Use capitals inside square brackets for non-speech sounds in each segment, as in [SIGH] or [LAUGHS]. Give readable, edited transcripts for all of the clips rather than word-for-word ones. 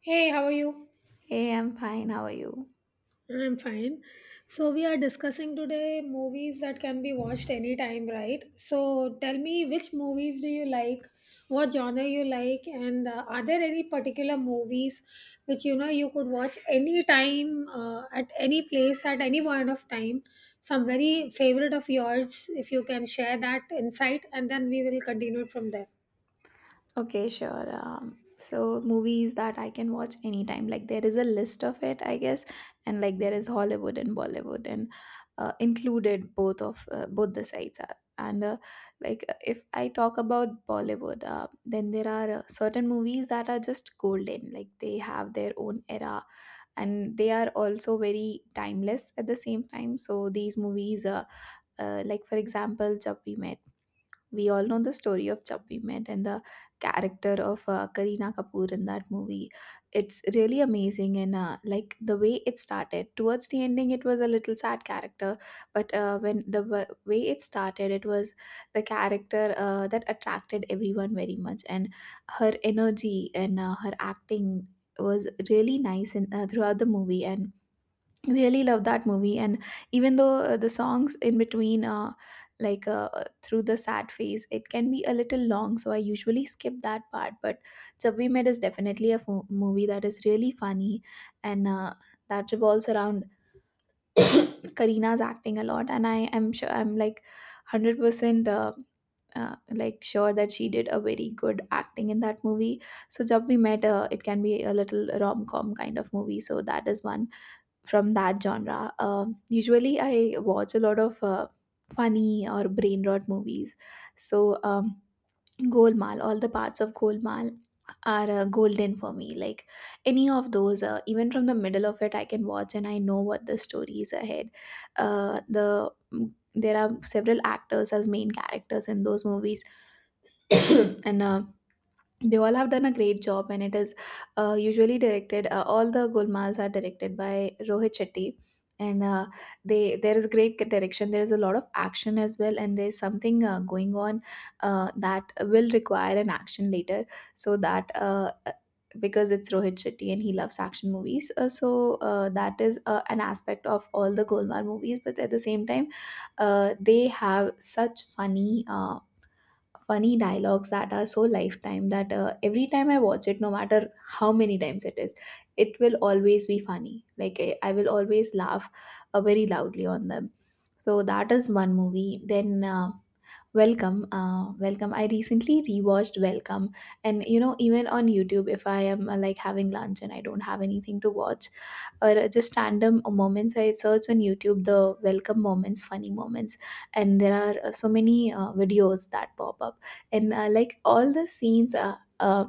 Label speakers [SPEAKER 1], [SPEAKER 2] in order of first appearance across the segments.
[SPEAKER 1] Hey, how are you?
[SPEAKER 2] Hey, I'm fine. How are you?
[SPEAKER 1] I'm fine. So we are discussing today movies that can be watched anytime, right? So tell me which movies do you like, what genre you like, and are there any particular movies which you know you could watch anytime, at any place, at any point of time? Some very favorite of yours, if you can share that insight, and then we will continue from there.
[SPEAKER 2] Okay, sure. So movies that I can watch anytime. Like there is a list of it, I guess, and like there is Hollywood and Bollywood, and included both of both the sides are. And like if I talk about Bollywood, then there are certain movies that are just golden. Like they have their own era, and they are also very timeless at the same time. So these movies, like for example, Jab We Met. We all know the story of Jab We Met and the character of Kareena Kapoor in that movie. It's really amazing, and like the way it started. Towards the ending, it was a little sad character, but when the way it started, it was the character that attracted everyone very much, and her energy and her acting was really nice in, throughout the movie, and really love that movie. And even though the songs in between like through the sad phase, it can be a little long, so I usually skip that part. But Jab We Met is definitely a movie that is really funny and that revolves around [COUGHS] Karina's acting a lot. And I am sure, I'm like 100% like sure that she did a very good acting in that movie. So Jab We Met, it can be a little rom-com kind of movie, so that is one from that genre. Usually, I watch a lot of funny or brain rot movies. So, Golmaal, all the parts of Golmaal are golden for me. Like any of those, even from the middle of it, I can watch and I know what the story is ahead. Uh, the mm, there are several actors as main characters in those movies. [COUGHS] And they all have done a great job, and it is usually directed, all the gulmals are directed by Rohit Shetty. And they there is great direction, there is a lot of action as well, and there's something going on that will require an action later. So that because it's Rohit Shetty and he loves action movies, so that is an aspect of all the Golmaal movies. But at the same time, they have such funny funny dialogues that are so lifetime that every time I watch it, no matter how many times it is, it will always be funny. Like I will always laugh very loudly on them. So that is one movie. Then Welcome, welcome. I recently rewatched Welcome, and even on YouTube, if I am like having lunch and I don't have anything to watch, or just random moments, I search on YouTube the Welcome moments, funny moments, and there are so many videos that pop up. And like all the scenes,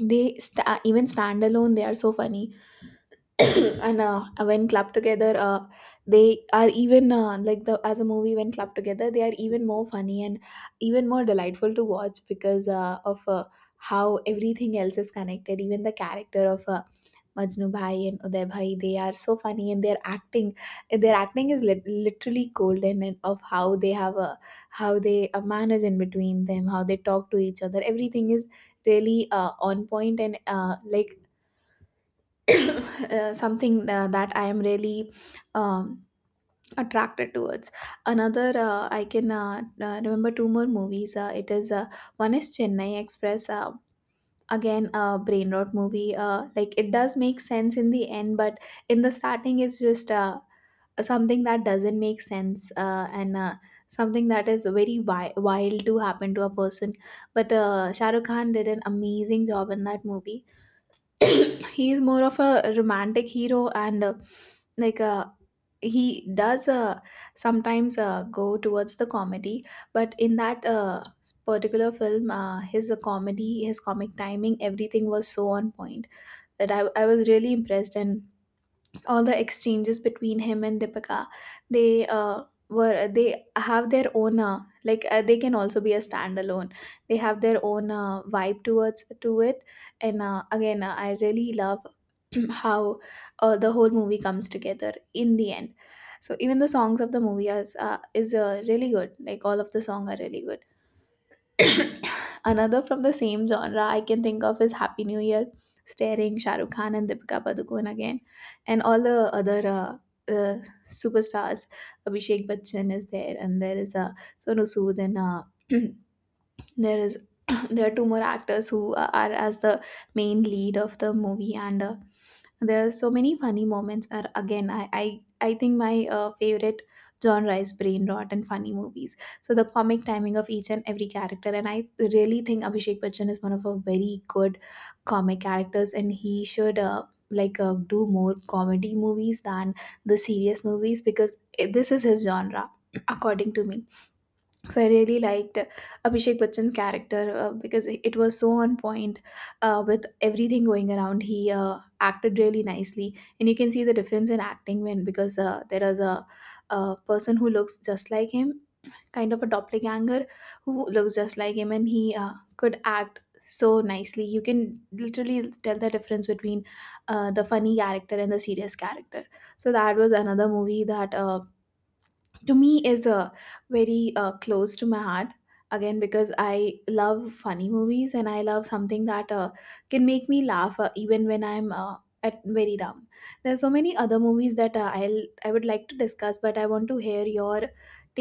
[SPEAKER 2] they sta even stand alone, they are so funny. [COUGHS] [CLEARS THROAT] And when clubbed together they are even like the as a movie when clubbed together, they are even more funny and even more delightful to watch because of how everything else is connected. Even the character of Majnu Bhai and Uday Bhai, they are so funny, and their acting is literally golden, and of how they have a, how they manage in between them, how they talk to each other. Everything is really on point, and like [COUGHS] something that I am really um, attracted towards. Another, I can remember two more movies. It is one is Chennai Express. Again, a brain rot movie. Like it does make sense in the end, but in the starting, it's just something that doesn't make sense and. Something that is very wild to happen to a person, but Shah Rukh Khan did an amazing job in that movie. [CLEARS THROAT] He is more of a romantic hero, and like he does sometimes go towards the comedy, but in that particular film, his comedy, his comic timing, everything was so on point that I was really impressed, and all the exchanges between him and Deepika, they were they have their own like they can also be a standalone. They have their own vibe towards to it, and again, I really love [CLEARS THROAT] how the whole movie comes together in the end. So even the songs of the movie is really good. Like all of the song are really good. Another from the same genre I can think of is Happy New Year, starring Shah Rukh Khan and Deepika Padukone again, and all the other uh, superstars. Abhishek Bachchan is there, and there is a Sonu Sood and [CLEARS THROAT] there is [COUGHS] [CLEARS THROAT] there are two more actors who are as the main lead of the movie. And there are so many funny moments. Are again I think my favorite genre is brain rot and funny movies, so the comic timing of each and every character. And I really think Abhishek Bachchan is one of our very good comic characters, and he should like do more comedy movies than the serious movies because this is his genre, according to me. So I really liked Abhishek Bachchan's character because it was so on point with everything going around. He acted really nicely, and you can see the difference in acting when, because there is a person who looks just like him, kind of a doppelganger who looks just like him, and he could act so nicely. You can literally tell the difference between the funny character and the serious character. So that was another movie that, to me, is very close to my heart, again because I love funny movies and I love something that can make me laugh even when I'm at very down. There are so many other movies that I would like to discuss, but I want to hear your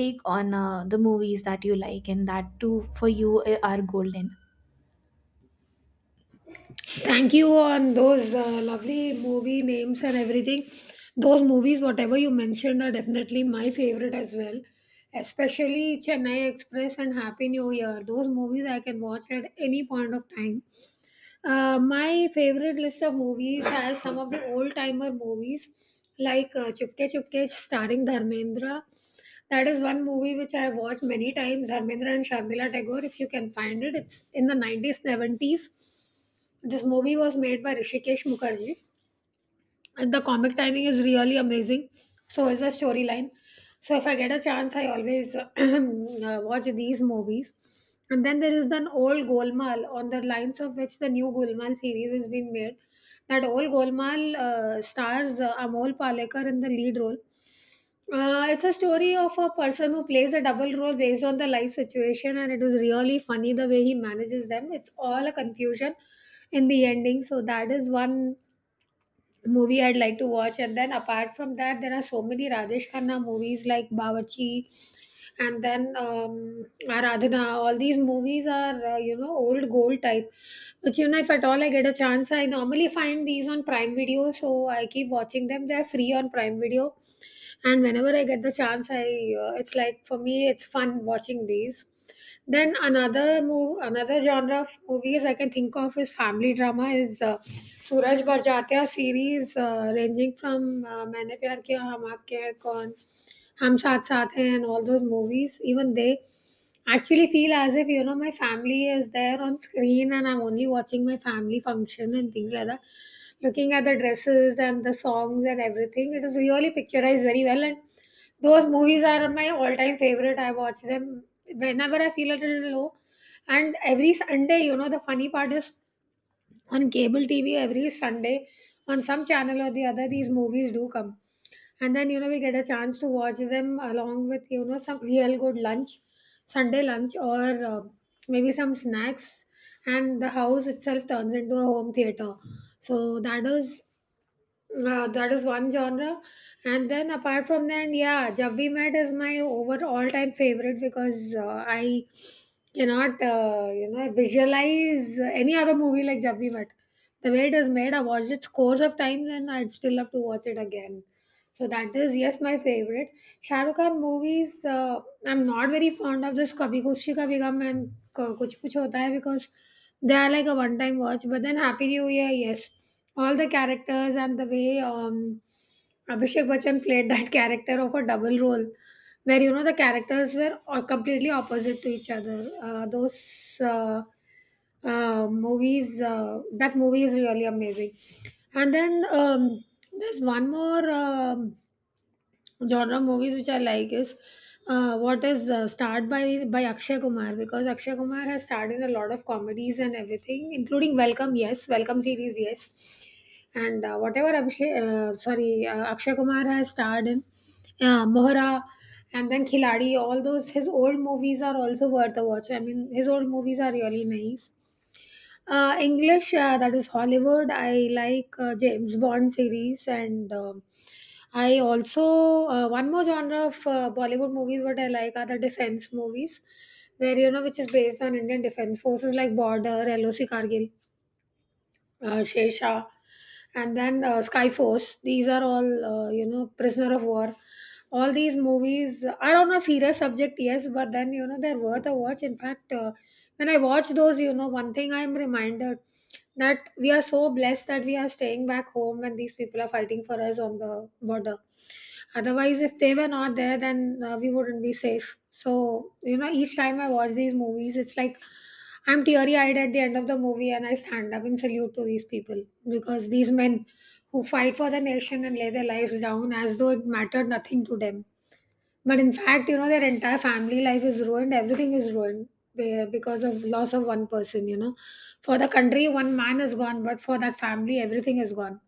[SPEAKER 2] take on the movies that you like, and that too for you are golden.
[SPEAKER 1] Thank you on those lovely movie names and everything. Those movies whatever you mentioned are definitely my favorite as well, especially Chennai Express and Happy New Year. Those movies I can watch at any point of time. My favorite list of movies has some of the old timer movies like Chupke Chupke starring Dharmendra. That is one movie which I have watched many times. Dharmendra and Sharmila Tagore, if you can find it, it's in the 90s 70s. This movie was made by Hrishikesh Mukherjee, and the comic timing is really amazing. So is the storyline. So if I get a chance, I always [CLEARS THROAT] watch these movies. And then there is an old Golmaal, on the lines of which the new Golmaal series has been made. That old Golmaal stars Amol Palekar in the lead role. It's a story of a person who plays a double role based on the life situation, and it is really funny the way he manages them. It's all a confusion in the ending. So that is one movie I'd like to watch. And then apart from that, there are so many Rajesh Khanna movies like Bawarchi, and then Aradhana. All these movies are, you know, old gold type. Which, you know, if at all I get a chance, I normally find these on Prime Video. So I keep watching them. They're free on Prime Video. And whenever I get the chance, I it's like for me, it's fun watching these. Then another move, another genre of movies I can think of is family drama. Is Suraj Bhar series ranging from "मैंने प्यार किया हम आपके हैं कौन" हम Saath साथ हैं and all those movies. Even they actually feel as if you know my family is there on screen, and I'm only watching my family function and things like that. Looking at the dresses and the songs and everything, it is really picturized very well, and those movies are my all-time favorite. I watch them whenever I feel a little low. And every Sunday, you know, the funny part is on cable TV every Sunday, on some channel or the other, these movies do come. And then, you know, we get a chance to watch them along with, you know, some real good lunch, Sunday lunch, or maybe some snacks. And the house itself turns into a home theater. So that is that is one genre. And then apart from that, yeah, Jab We Met is my over all time favorite, because I cannot, visualize any other movie like Jab We Met. The way it is made, I watched it scores of times, and I'd still love to watch it again. So that is, yes, my favorite. Shah Rukh Khan movies, I'm not very fond of this Kabhi Khushi Kabhi Gham and Kuch Kuch Hota Hai, because they are like a one time watch. But then Happy New Year, yes, all the characters and the way Abhishek Bachchan played that [LAUGHS] character of a double role, where you know the characters were all completely opposite to each other. Those. Movies that movie is really amazing. And then there's one more genre of movies which I like is what is starred by Akshay Kumar, because Akshay Kumar has starred in a lot of comedies and everything including Welcome, yes, Welcome series, yes. And whatever Abhishek, sorry Akshay Kumar has starred in, Mohra, and then Khiladi. All those, his old movies are also worth a watch. I mean, his old movies are really nice. English, that is Hollywood. I like James Bond series, and I also, one more genre of Bollywood movies. What I like are the defense movies, where you know which is based on Indian Defense Forces like Border, LOC Kargil, Shesha, and then Skyforce. These are all you know, Prisoner of War. All these movies are on a serious subject, yes, but then you know they're worth a watch. In fact, when I watch those, you know, one thing I'm reminded, that we are so blessed that we are staying back home when these people are fighting for us on the border. Otherwise, if they were not there, then we wouldn't be safe. So, you know, each time I watch these movies, it's like I'm teary eyed at the end of the movie, and I stand up and salute to these people, because these men who fight for the nation and lay their lives down as though it mattered nothing to them. But in fact, you know, their entire family life is ruined, everything is ruined because of loss of one person, you know. For the country, one man is gone, but for that family, everything is gone.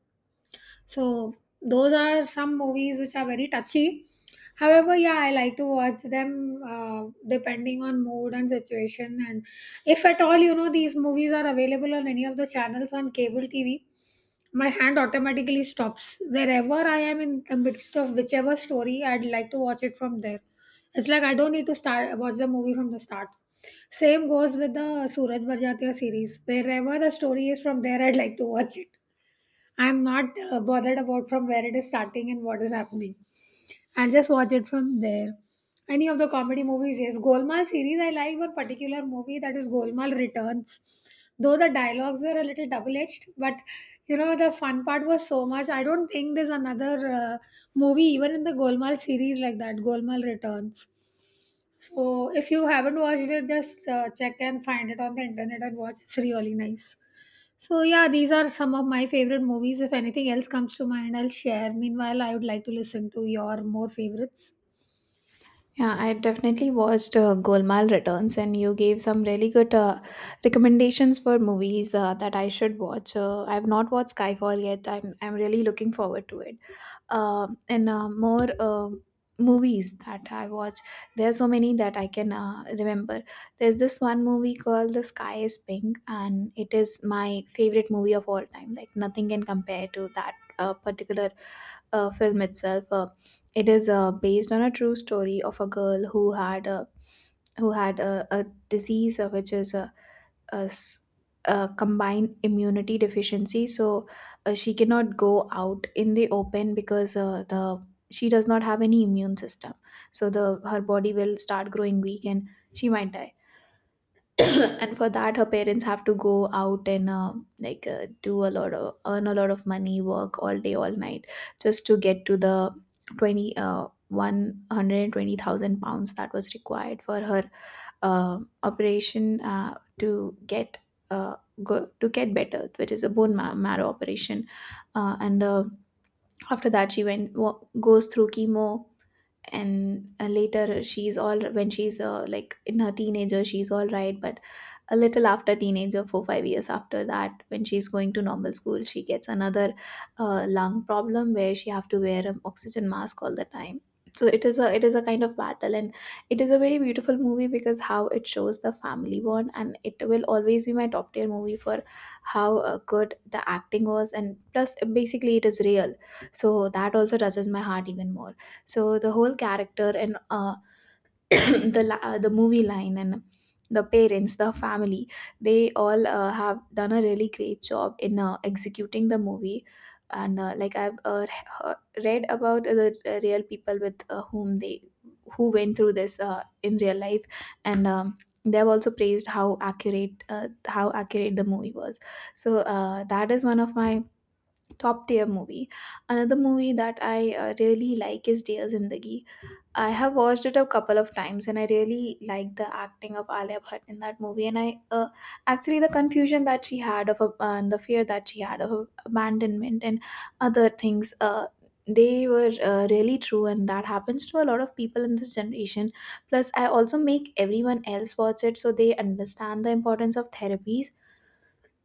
[SPEAKER 1] So those are some movies which are very touchy. However, yeah, I like to watch them depending on mood and situation. And if at all, you know, these movies are available on any of the channels on cable TV, my hand automatically stops. Wherever I am in the midst of whichever story, I'd like to watch it from there. It's like I don't need to start watch the movie from the start. Same goes with the Suraj Barjatya series. Wherever the story is, from there, I'd like to watch it. I'm not bothered about from where it is starting and what is happening. I'll just watch it from there. Any of the comedy movies, yes. Golmaal series, I like one particular movie, that is Golmaal Returns. Though the dialogues were a little double edged, but you know, the fun part was so much. I don't think there's another movie, even in the Golmaal series, like that Golmaal Returns. So if you haven't watched it, just check and find it on the internet and watch. It's really nice. So yeah, these are some of my favorite movies. If anything else comes to mind, I'll share. Meanwhile, I would like to listen to your more favorites.
[SPEAKER 2] Yeah, I definitely watched Golmaal Returns, and you gave some really good recommendations for movies that I should watch. I've not watched Skyfall yet. I'm really looking forward to it and more movies that I watch. There are so many that I can remember. There's this one movie called The Sky is Pink, and it is my favorite movie of all time. Like, nothing can compare to that particular film itself. It is based on a true story of a girl who had a disease, which is uh, s- combined immunity deficiency. So she cannot go out in the open because the she does not have any immune system, so the her body will start growing weak and she might die. [COUGHS] [CLEARS THROAT] And for that, her parents have to go out and like do a lot of, earn a lot of money, work all day all night just to get to the 20 120,000 pounds that was required for her operation, to get uh, go, to get better, which is a bone marrow operation. And after that, she goes through chemo. And later, she's all, when she's like in her teenager, she's all right. But a little after teenager, 4 5 years after that, when she's going to normal school, she gets another lung problem where she have to wear an oxygen mask all the time. So it is a kind of battle. And it is a very beautiful movie because how it shows the family bond, and it will always be my top tier movie for how good the acting was. And plus, basically, it is real, so that also touches my heart even more. So the whole character, and [COUGHS] [CLEARS THROAT] the the movie line, and the parents, the family, they all have done a really great job in executing the movie. And like, I've read about the real people with whom they who went through this in real life, and they have also praised how accurate, the movie was. So that is one of my top tier movie. Another movie that I really like is Dear Zindagi. I have watched it a couple of times and I really like the acting of Alia Bhatt in that movie. And I actually, the confusion that she had and the fear that she had of abandonment and other things they were really true. And that happens to a lot of people in this generation. Plus, I also make everyone else watch it so they understand the importance of therapies.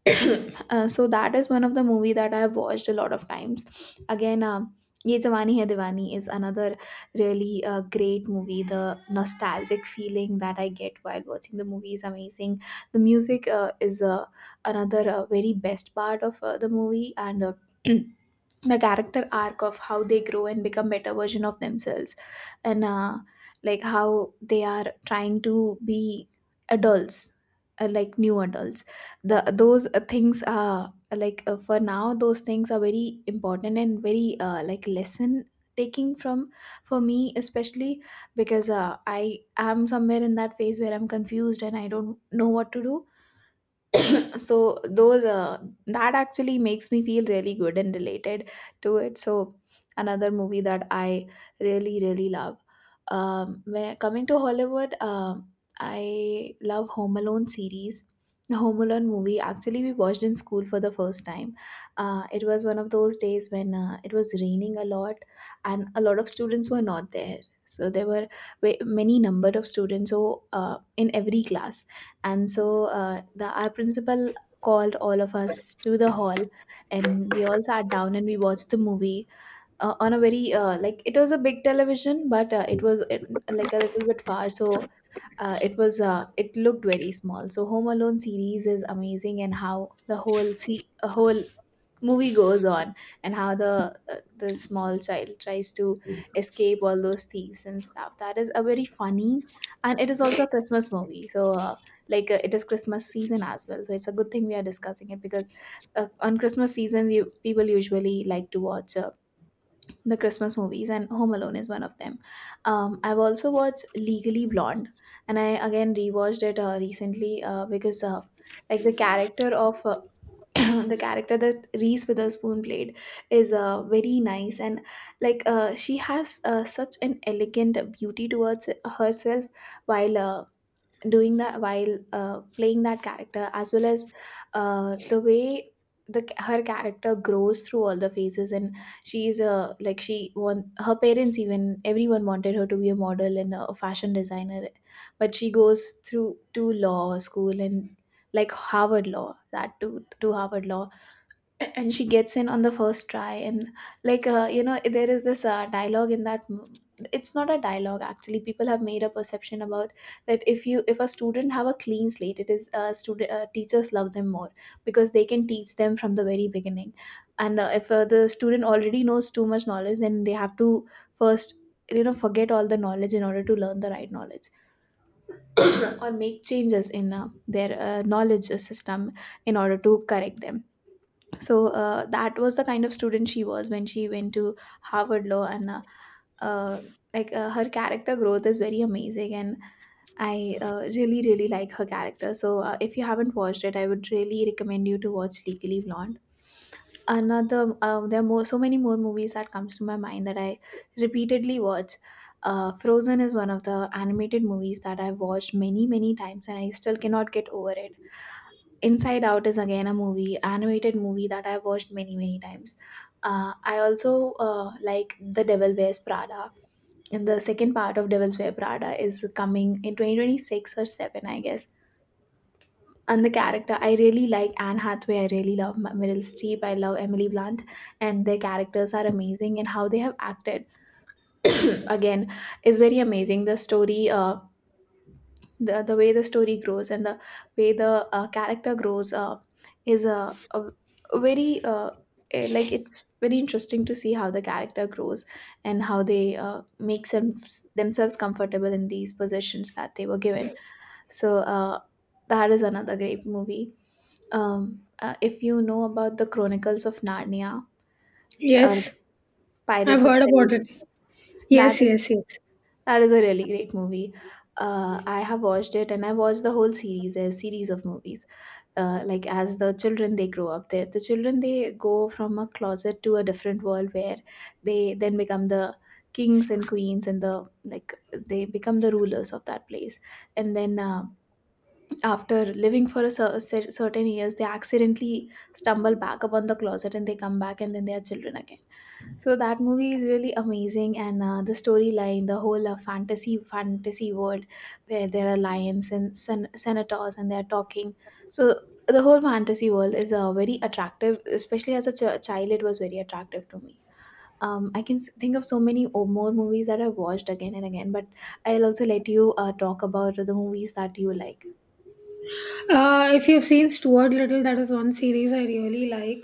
[SPEAKER 2] [COUGHS] [CLEARS THROAT] So that is one of the movie that I have watched a lot of times. Again, Ye Jawani Hai Diwani is another really great movie. The nostalgic feeling that I get while watching the movie is amazing. The music is another very best part of the movie, and [CLEARS THROAT] the character arc of how they grow and become better version of themselves and like how they are trying to be adults, like new adults. The those uh, things are for now those things are very important and very like lesson taking from, for me especially, because I am somewhere in that phase where I'm confused and I don't know what to do. So those that actually makes me feel really good and related to it. So another movie that I really really love, when coming to Hollywood, I love Home Alone series. Home Alone movie actually we watched in school for the first time. It was one of those days when it was raining a lot and a lot of students were not there, so there were many number of students, so in every class. And so the our principal called all of us to the hall, and we all sat down and we watched the movie on a very like it was a big television, but it was like a little bit far, so it looked very small. So Home Alone series is amazing, and how the whole see a whole movie goes on and how the small child tries to escape all those thieves and stuff, that is a very funny. And it is also a Christmas movie, so it is Christmas season as well, so it's a good thing we are discussing it because on Christmas season, you, people usually like to watch the Christmas movies, and Home Alone is one of them. I've also watched Legally Blonde, and I again rewatched it recently because like the character of [COUGHS] [CLEARS THROAT] the character that Reese Witherspoon played is very nice. And like she has such an elegant beauty towards herself while doing that, while playing that character, as well as uh, the way the her character grows through all the phases. And she's a, like she want her parents, even everyone wanted her to be a model and a fashion designer, but she goes through to law school. And like Harvard Law, that to Harvard Law, and she gets in on the first try. And you know, there is this dialogue in that, it's not a dialogue actually, people have made a perception about that if you if a student have a clean slate, it is student teachers love them more because they can teach them from the very beginning. And if the student already knows too much knowledge, then they have to first, you know, forget all the knowledge in order to learn the right knowledge, [COUGHS] or make changes in their knowledge system in order to correct them. So that was the kind of student she was when she went to Harvard Law. And uh, her character growth is very amazing, and I really really like her character. So if you haven't watched it, I would really recommend you to watch Legally Blonde. Another There are more, so many more movies that comes to my mind that I repeatedly watch. Frozen is one of the animated movies that I've watched many many times, and I still cannot get over it. Inside Out is again a movie, animated movie, that I've watched many, many times. I also like The Devil Wears Prada. And the second part of Devil's Wear Prada is coming in 2026 or 7, I guess. And the character, I really like Anne Hathaway. I really love Meryl Streep. I love Emily Blunt. And their characters are amazing. And how they have acted, [COUGHS] [CLEARS THROAT] again, is very amazing. The story, the way the story grows and the way the character grows is a very, like it's very interesting to see how the character grows and how they make themselves comfortable in these positions that they were given. So that is another great movie. If you know about The Chronicles of Narnia or
[SPEAKER 1] Yes, I've
[SPEAKER 2] Pirates of
[SPEAKER 1] heard about
[SPEAKER 2] Caribbean,
[SPEAKER 1] it.
[SPEAKER 2] that
[SPEAKER 1] Yes,
[SPEAKER 2] is
[SPEAKER 1] yes, yes.
[SPEAKER 2] that is a really great movie. I have watched it, and I watched the whole series. There's a series of movies. Like as the children they grow up, the children, they go from a closet to a different world where they then become the kings and queens, and the, like they become the rulers of that place. And then after living for a certain years, they accidentally stumble back upon the closet and they come back, and then they are children again. So that movie is really amazing. And the storyline, the whole fantasy world where there are lions and senators and they are talking. So the whole fantasy world is very attractive, especially as a child it was very attractive to me. I can think of so many more movies that I've watched again and again, but I'll also let you talk about the movies that you like.
[SPEAKER 1] If you've seen Stuart Little, that is one series I really like.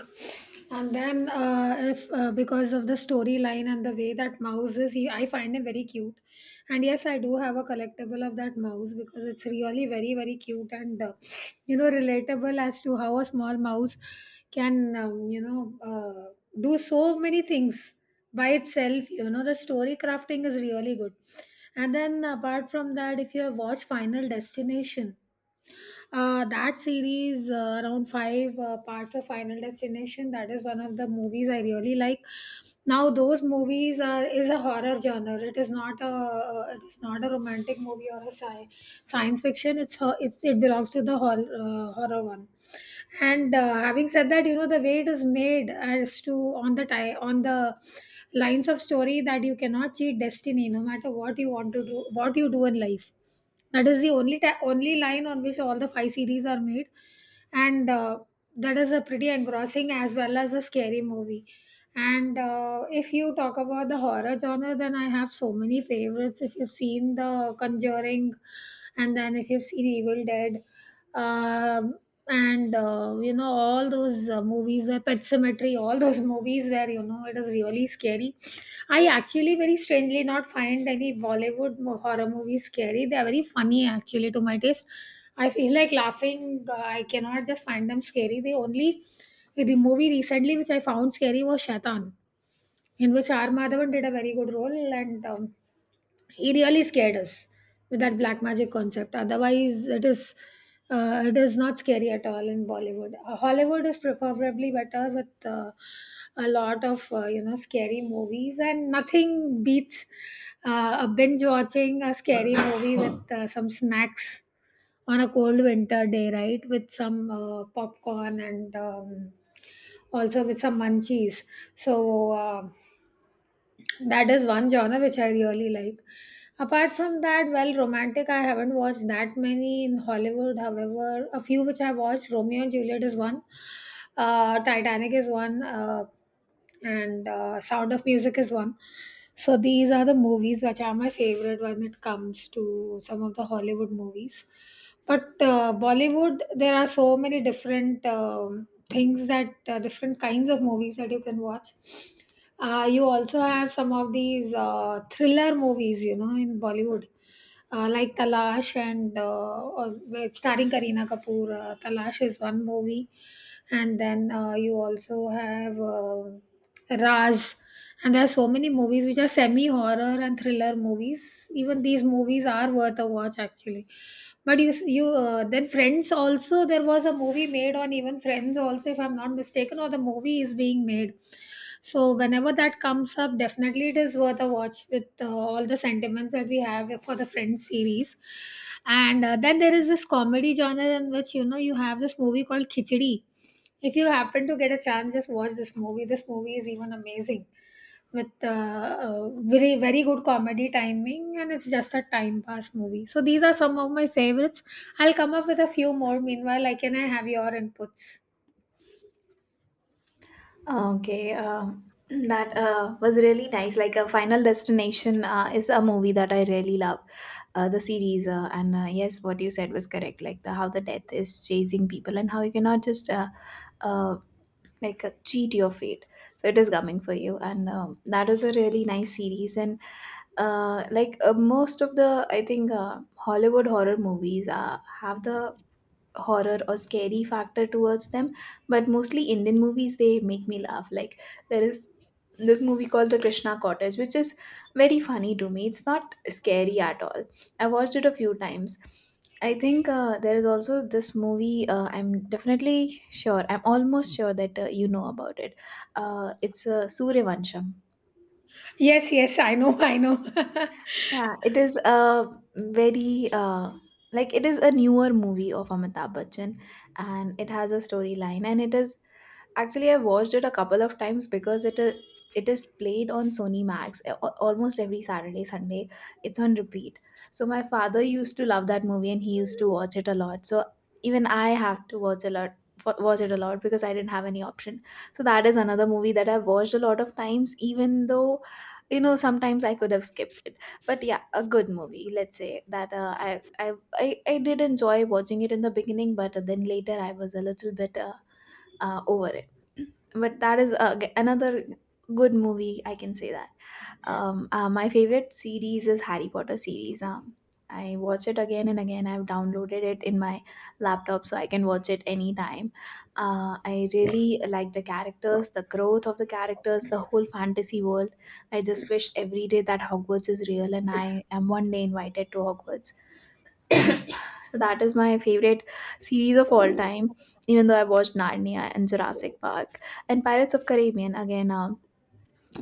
[SPEAKER 1] And then, if because of the storyline and the way that mouse is, he, I find him very cute. And yes, I do have a collectible of that mouse because it's really very, very cute, and you know, relatable as to how a small mouse can, do so many things by itself. You know, the story crafting is really good. And then, apart from that, if you have watched Final Destination. That series, around five parts of Final Destination, that is one of the movies I really like. Now, those movies are is a horror genre. It is not a it is not a romantic movie or a science fiction. It's ho- it's it belongs to the horror horror one. And having said that, you know the way it is made, as to on the lines of story, that you cannot cheat destiny, no matter what you want to do, what you do in life. That is the only only line on which all the five series are made, and that is a pretty engrossing as well as a scary movie. And if you talk about the horror genre, then I have so many favorites. If you've seen The Conjuring, and then if you've seen Evil Dead, um, and you know all those movies where Pet Cemetery, all those [LAUGHS] movies where you know it is really scary. I actually very strangely not find any Bollywood horror movies scary. They are very funny actually to my taste. I feel like laughing. I cannot just find them scary. The only, the movie recently which I found scary was Shaitan, in which R. Madhavan did a very good role, and he really scared us with that black magic concept. Otherwise it is it is not scary at all in Bollywood. Hollywood is preferably better with a lot of you know, scary movies, and nothing beats a binge watching a scary movie with some snacks on a cold winter day, right, with some popcorn, and also with some munchies. So uh, that is one genre which I really like. Apart from that, well, romantic, I haven't watched that many in Hollywood. However, a few which I watched, Romeo and Juliet is one, Titanic is one, and Sound of Music is one. So these are the movies which are my favorite when it comes to some of the Hollywood movies. But Bollywood, there are so many different things, that different kinds of movies that you can watch. You also have some of these thriller movies, you know, in Bollywood, like Talash, and starring Kareena Kapoor. Talash is one movie, and then you also have Raz. And there are so many movies which are semi horror and thriller movies. Even these movies are worth a watch, actually. But you then Friends also. There was a movie made on even Friends also, if I'm not mistaken, or the movie is being made. So whenever that comes up, definitely it is worth a watch with all the sentiments that we have for the Friends series. And then there is this comedy genre in which you know you have this movie called Khichdi. If you happen to get a chance, just watch this movie. This movie is even amazing with very very good comedy timing, and it's just a time pass movie. So these are some of my favorites. I'll come up with a few more. Meanwhile, I have your inputs.
[SPEAKER 2] Okay. That was really nice. Like a Final Destination is a movie that I really love, the series. And yes, what you said was correct. Like the how the death is chasing people and how you cannot just uh, cheat your fate. So it is coming for you, and that was a really nice series. And most of the, I think Hollywood horror movies have the horror or scary factor towards them, but mostly Indian movies they make me laugh. Like there is this movie called The Krishna Cottage, which is very funny to me, it's not scary at all. I watched it a few times. I think there is also this movie, I'm almost sure that you know about it. It's Suryavansham.
[SPEAKER 1] Yes, yes, I know, I know. [LAUGHS]
[SPEAKER 2] Yeah, it is a very like it is a newer movie of Amitabh Bachchan, and it has a storyline, and it is, actually, I watched it a couple of times because it is, it is played on Sony Max almost every Saturday, Sunday. It's on repeat. So my father used to love that movie and he used to watch it a lot. So even I have to watch a lot, watch it a lot because I didn't have any option. So that is another movie that I've watched a lot of times, even though you know sometimes I could have skipped it. But yeah, a good movie. Let's say that I I I did enjoy watching it in the beginning, but then later I was a little bit. Over it. But that is another good movie, I can say that. My favorite series is Harry Potter series. I watch it again and again. I've downloaded it in my laptop so I can watch it anytime. I really like the characters, the growth of the characters, the whole fantasy world. I just wish every day that Hogwarts is real and I am one day invited to Hogwarts. So that is my favorite series of all time. Even though I watched Narnia and Jurassic Park and Pirates of Caribbean, again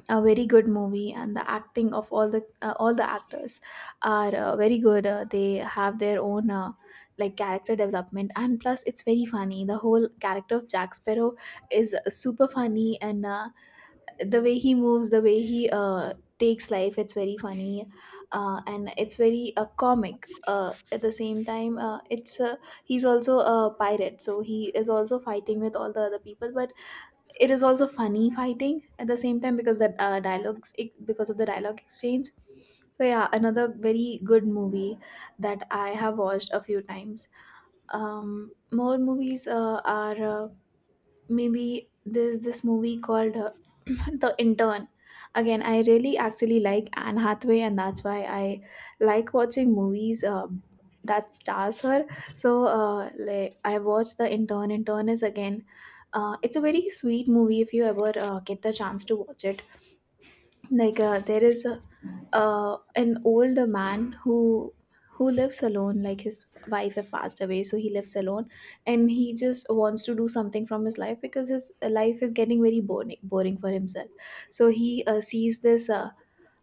[SPEAKER 2] a very good movie. And the acting of all the actors are very good. They have their own like character development. And plus it's very funny, the whole character of Jack Sparrow is super funny. And the way he moves, the way he takes life, it's very funny, and it's very comic. At the same time, it's he's also a pirate, so he is also fighting with all the other people. But it is also funny fighting at the same time because the dialogues because of the dialogue exchange. So yeah, another very good movie that I have watched a few times. More movies are. Uh, Maybe there's this movie called [CLEARS THROAT] The Intern. Again, I really actually like Anne Hathaway, and that's why I like watching movies that stars her. So, like I watched The Intern. Intern is again, it's a very sweet movie if you ever get the chance to watch it. Like there is an older man who lives alone, like his wife have passed away, so he lives alone and he just wants to do something from his life because his life is getting very boring for himself. So he sees this uh,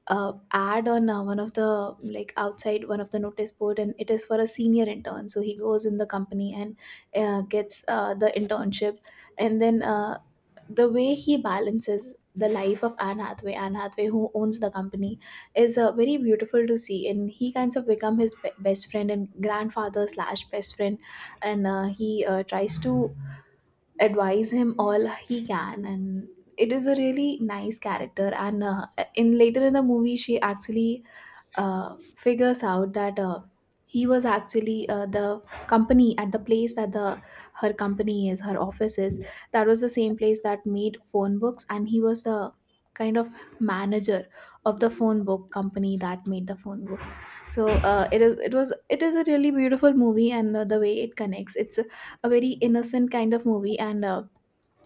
[SPEAKER 2] uh, ad on one of the, like, outside one of the notice board, and it is for a senior intern. So he goes in the company and gets the internship, and then the way he balances the life of Anne Hathaway, who owns the company, is very beautiful to see, and he kinds of become his best friend and grandfather slash best friend, and he tries to advise him all he can, and it is a really nice character. And in later in the movie, she actually figures out that he was actually the company at the place that the her company is her office is, that was the same place that made phone books, and he was the kind of manager of the phone book company that made the phone book. So it is a really beautiful movie, and the way it connects, it's a very innocent kind of movie. And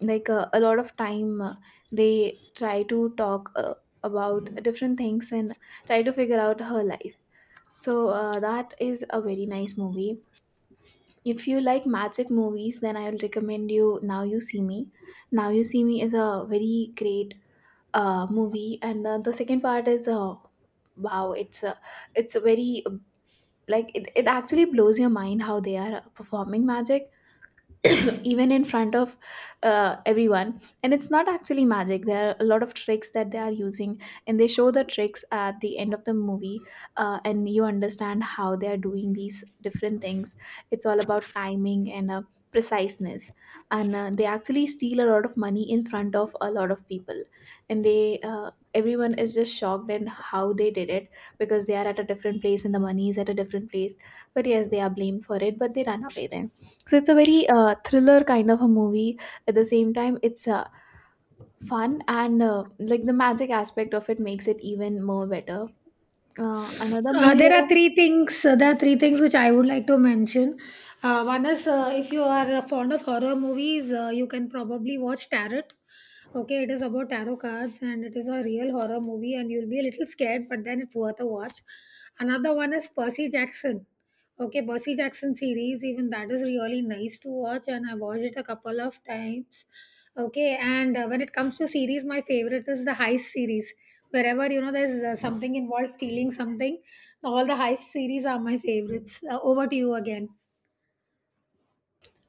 [SPEAKER 2] like a lot of time they try to talk about different things and try to figure out her life. So that is a very nice movie. If you like magic movies, then I will recommend you Now You See Me. Now You See Me is a very great movie, and the second part is wow, it's a very like it actually blows your mind how they are performing magic [COUGHS] even in front of everyone. And it's not actually magic, there are a lot of tricks that they are using, and they show the tricks at the end of the movie. And you understand how they are doing these different things. It's all about timing and preciseness. And they actually steal a lot of money in front of a lot of people, and they everyone is just shocked at how they did it because they are at a different place and the money is at a different place. But yes, they are blamed for it, but they run away then. So it's a very thriller kind of a movie. At the same time, it's fun, and like the magic aspect of it makes it even more better. Another
[SPEAKER 1] Uh,
[SPEAKER 2] movie
[SPEAKER 1] there are
[SPEAKER 2] that.
[SPEAKER 1] three things. There are three things which I would like to mention. One is if you are fond of horror movies, you can probably watch Tarot. Okay, it is about tarot cards and it is a real horror movie, and you'll be a little scared, but then it's worth a watch. Another one is Percy Jackson. Okay, Percy Jackson series, even that is really nice to watch, and I watched it a couple of times. Okay, and when it comes to series, my favorite is the heist series. Wherever you know there's something involved stealing something, all the heist series are my favorites. Over to you again.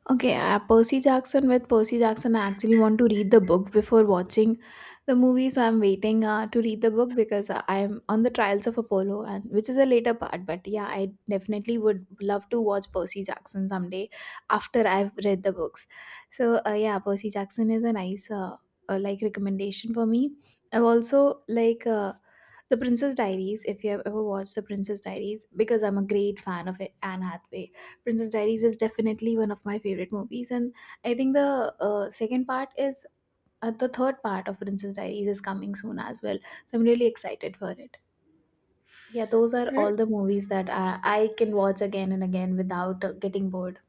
[SPEAKER 2] Okay, Percy Jackson, with Percy Jackson. I actually want to read the book before watching the movie, so I'm waiting to read the book because I'm on the Trials of Apollo, and which is a later part. But yeah, I definitely would love to watch Percy Jackson someday after I've read the books. So yeah, Percy Jackson is a nice like recommendation for me. I've also like. The Princess Diaries, if you have ever watched The Princess Diaries, because I'm a great fan of it, Anne Hathaway. Princess Diaries is definitely one of my favorite movies, and I think the third part of Princess Diaries is coming soon as well. So I'm really excited for it. Yeah, those are
[SPEAKER 1] Uh,
[SPEAKER 2] all the movies that I can watch again and again without getting bored.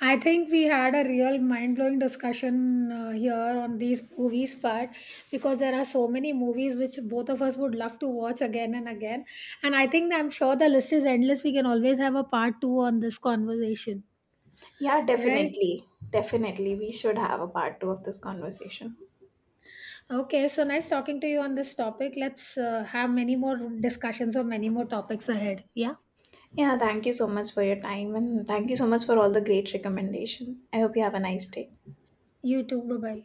[SPEAKER 1] I think we had a real mind blowing discussion here on these movies part, because there are so many movies which both of us would love to watch again and again. And I think I'm sure the list is endless. We can always have a part two on this conversation,
[SPEAKER 2] Yeah,
[SPEAKER 1] right?
[SPEAKER 2] definitely. Definitely. We should have a part two of this conversation.
[SPEAKER 1] Okay, so nice talking to you on this topic. Let's have many more discussions or many more topics ahead. Yeah,
[SPEAKER 2] Yeah, thank you so much for your time, and thank you so much for all the great recommendation. I hope you have a nice day.
[SPEAKER 1] you too. Bye bye.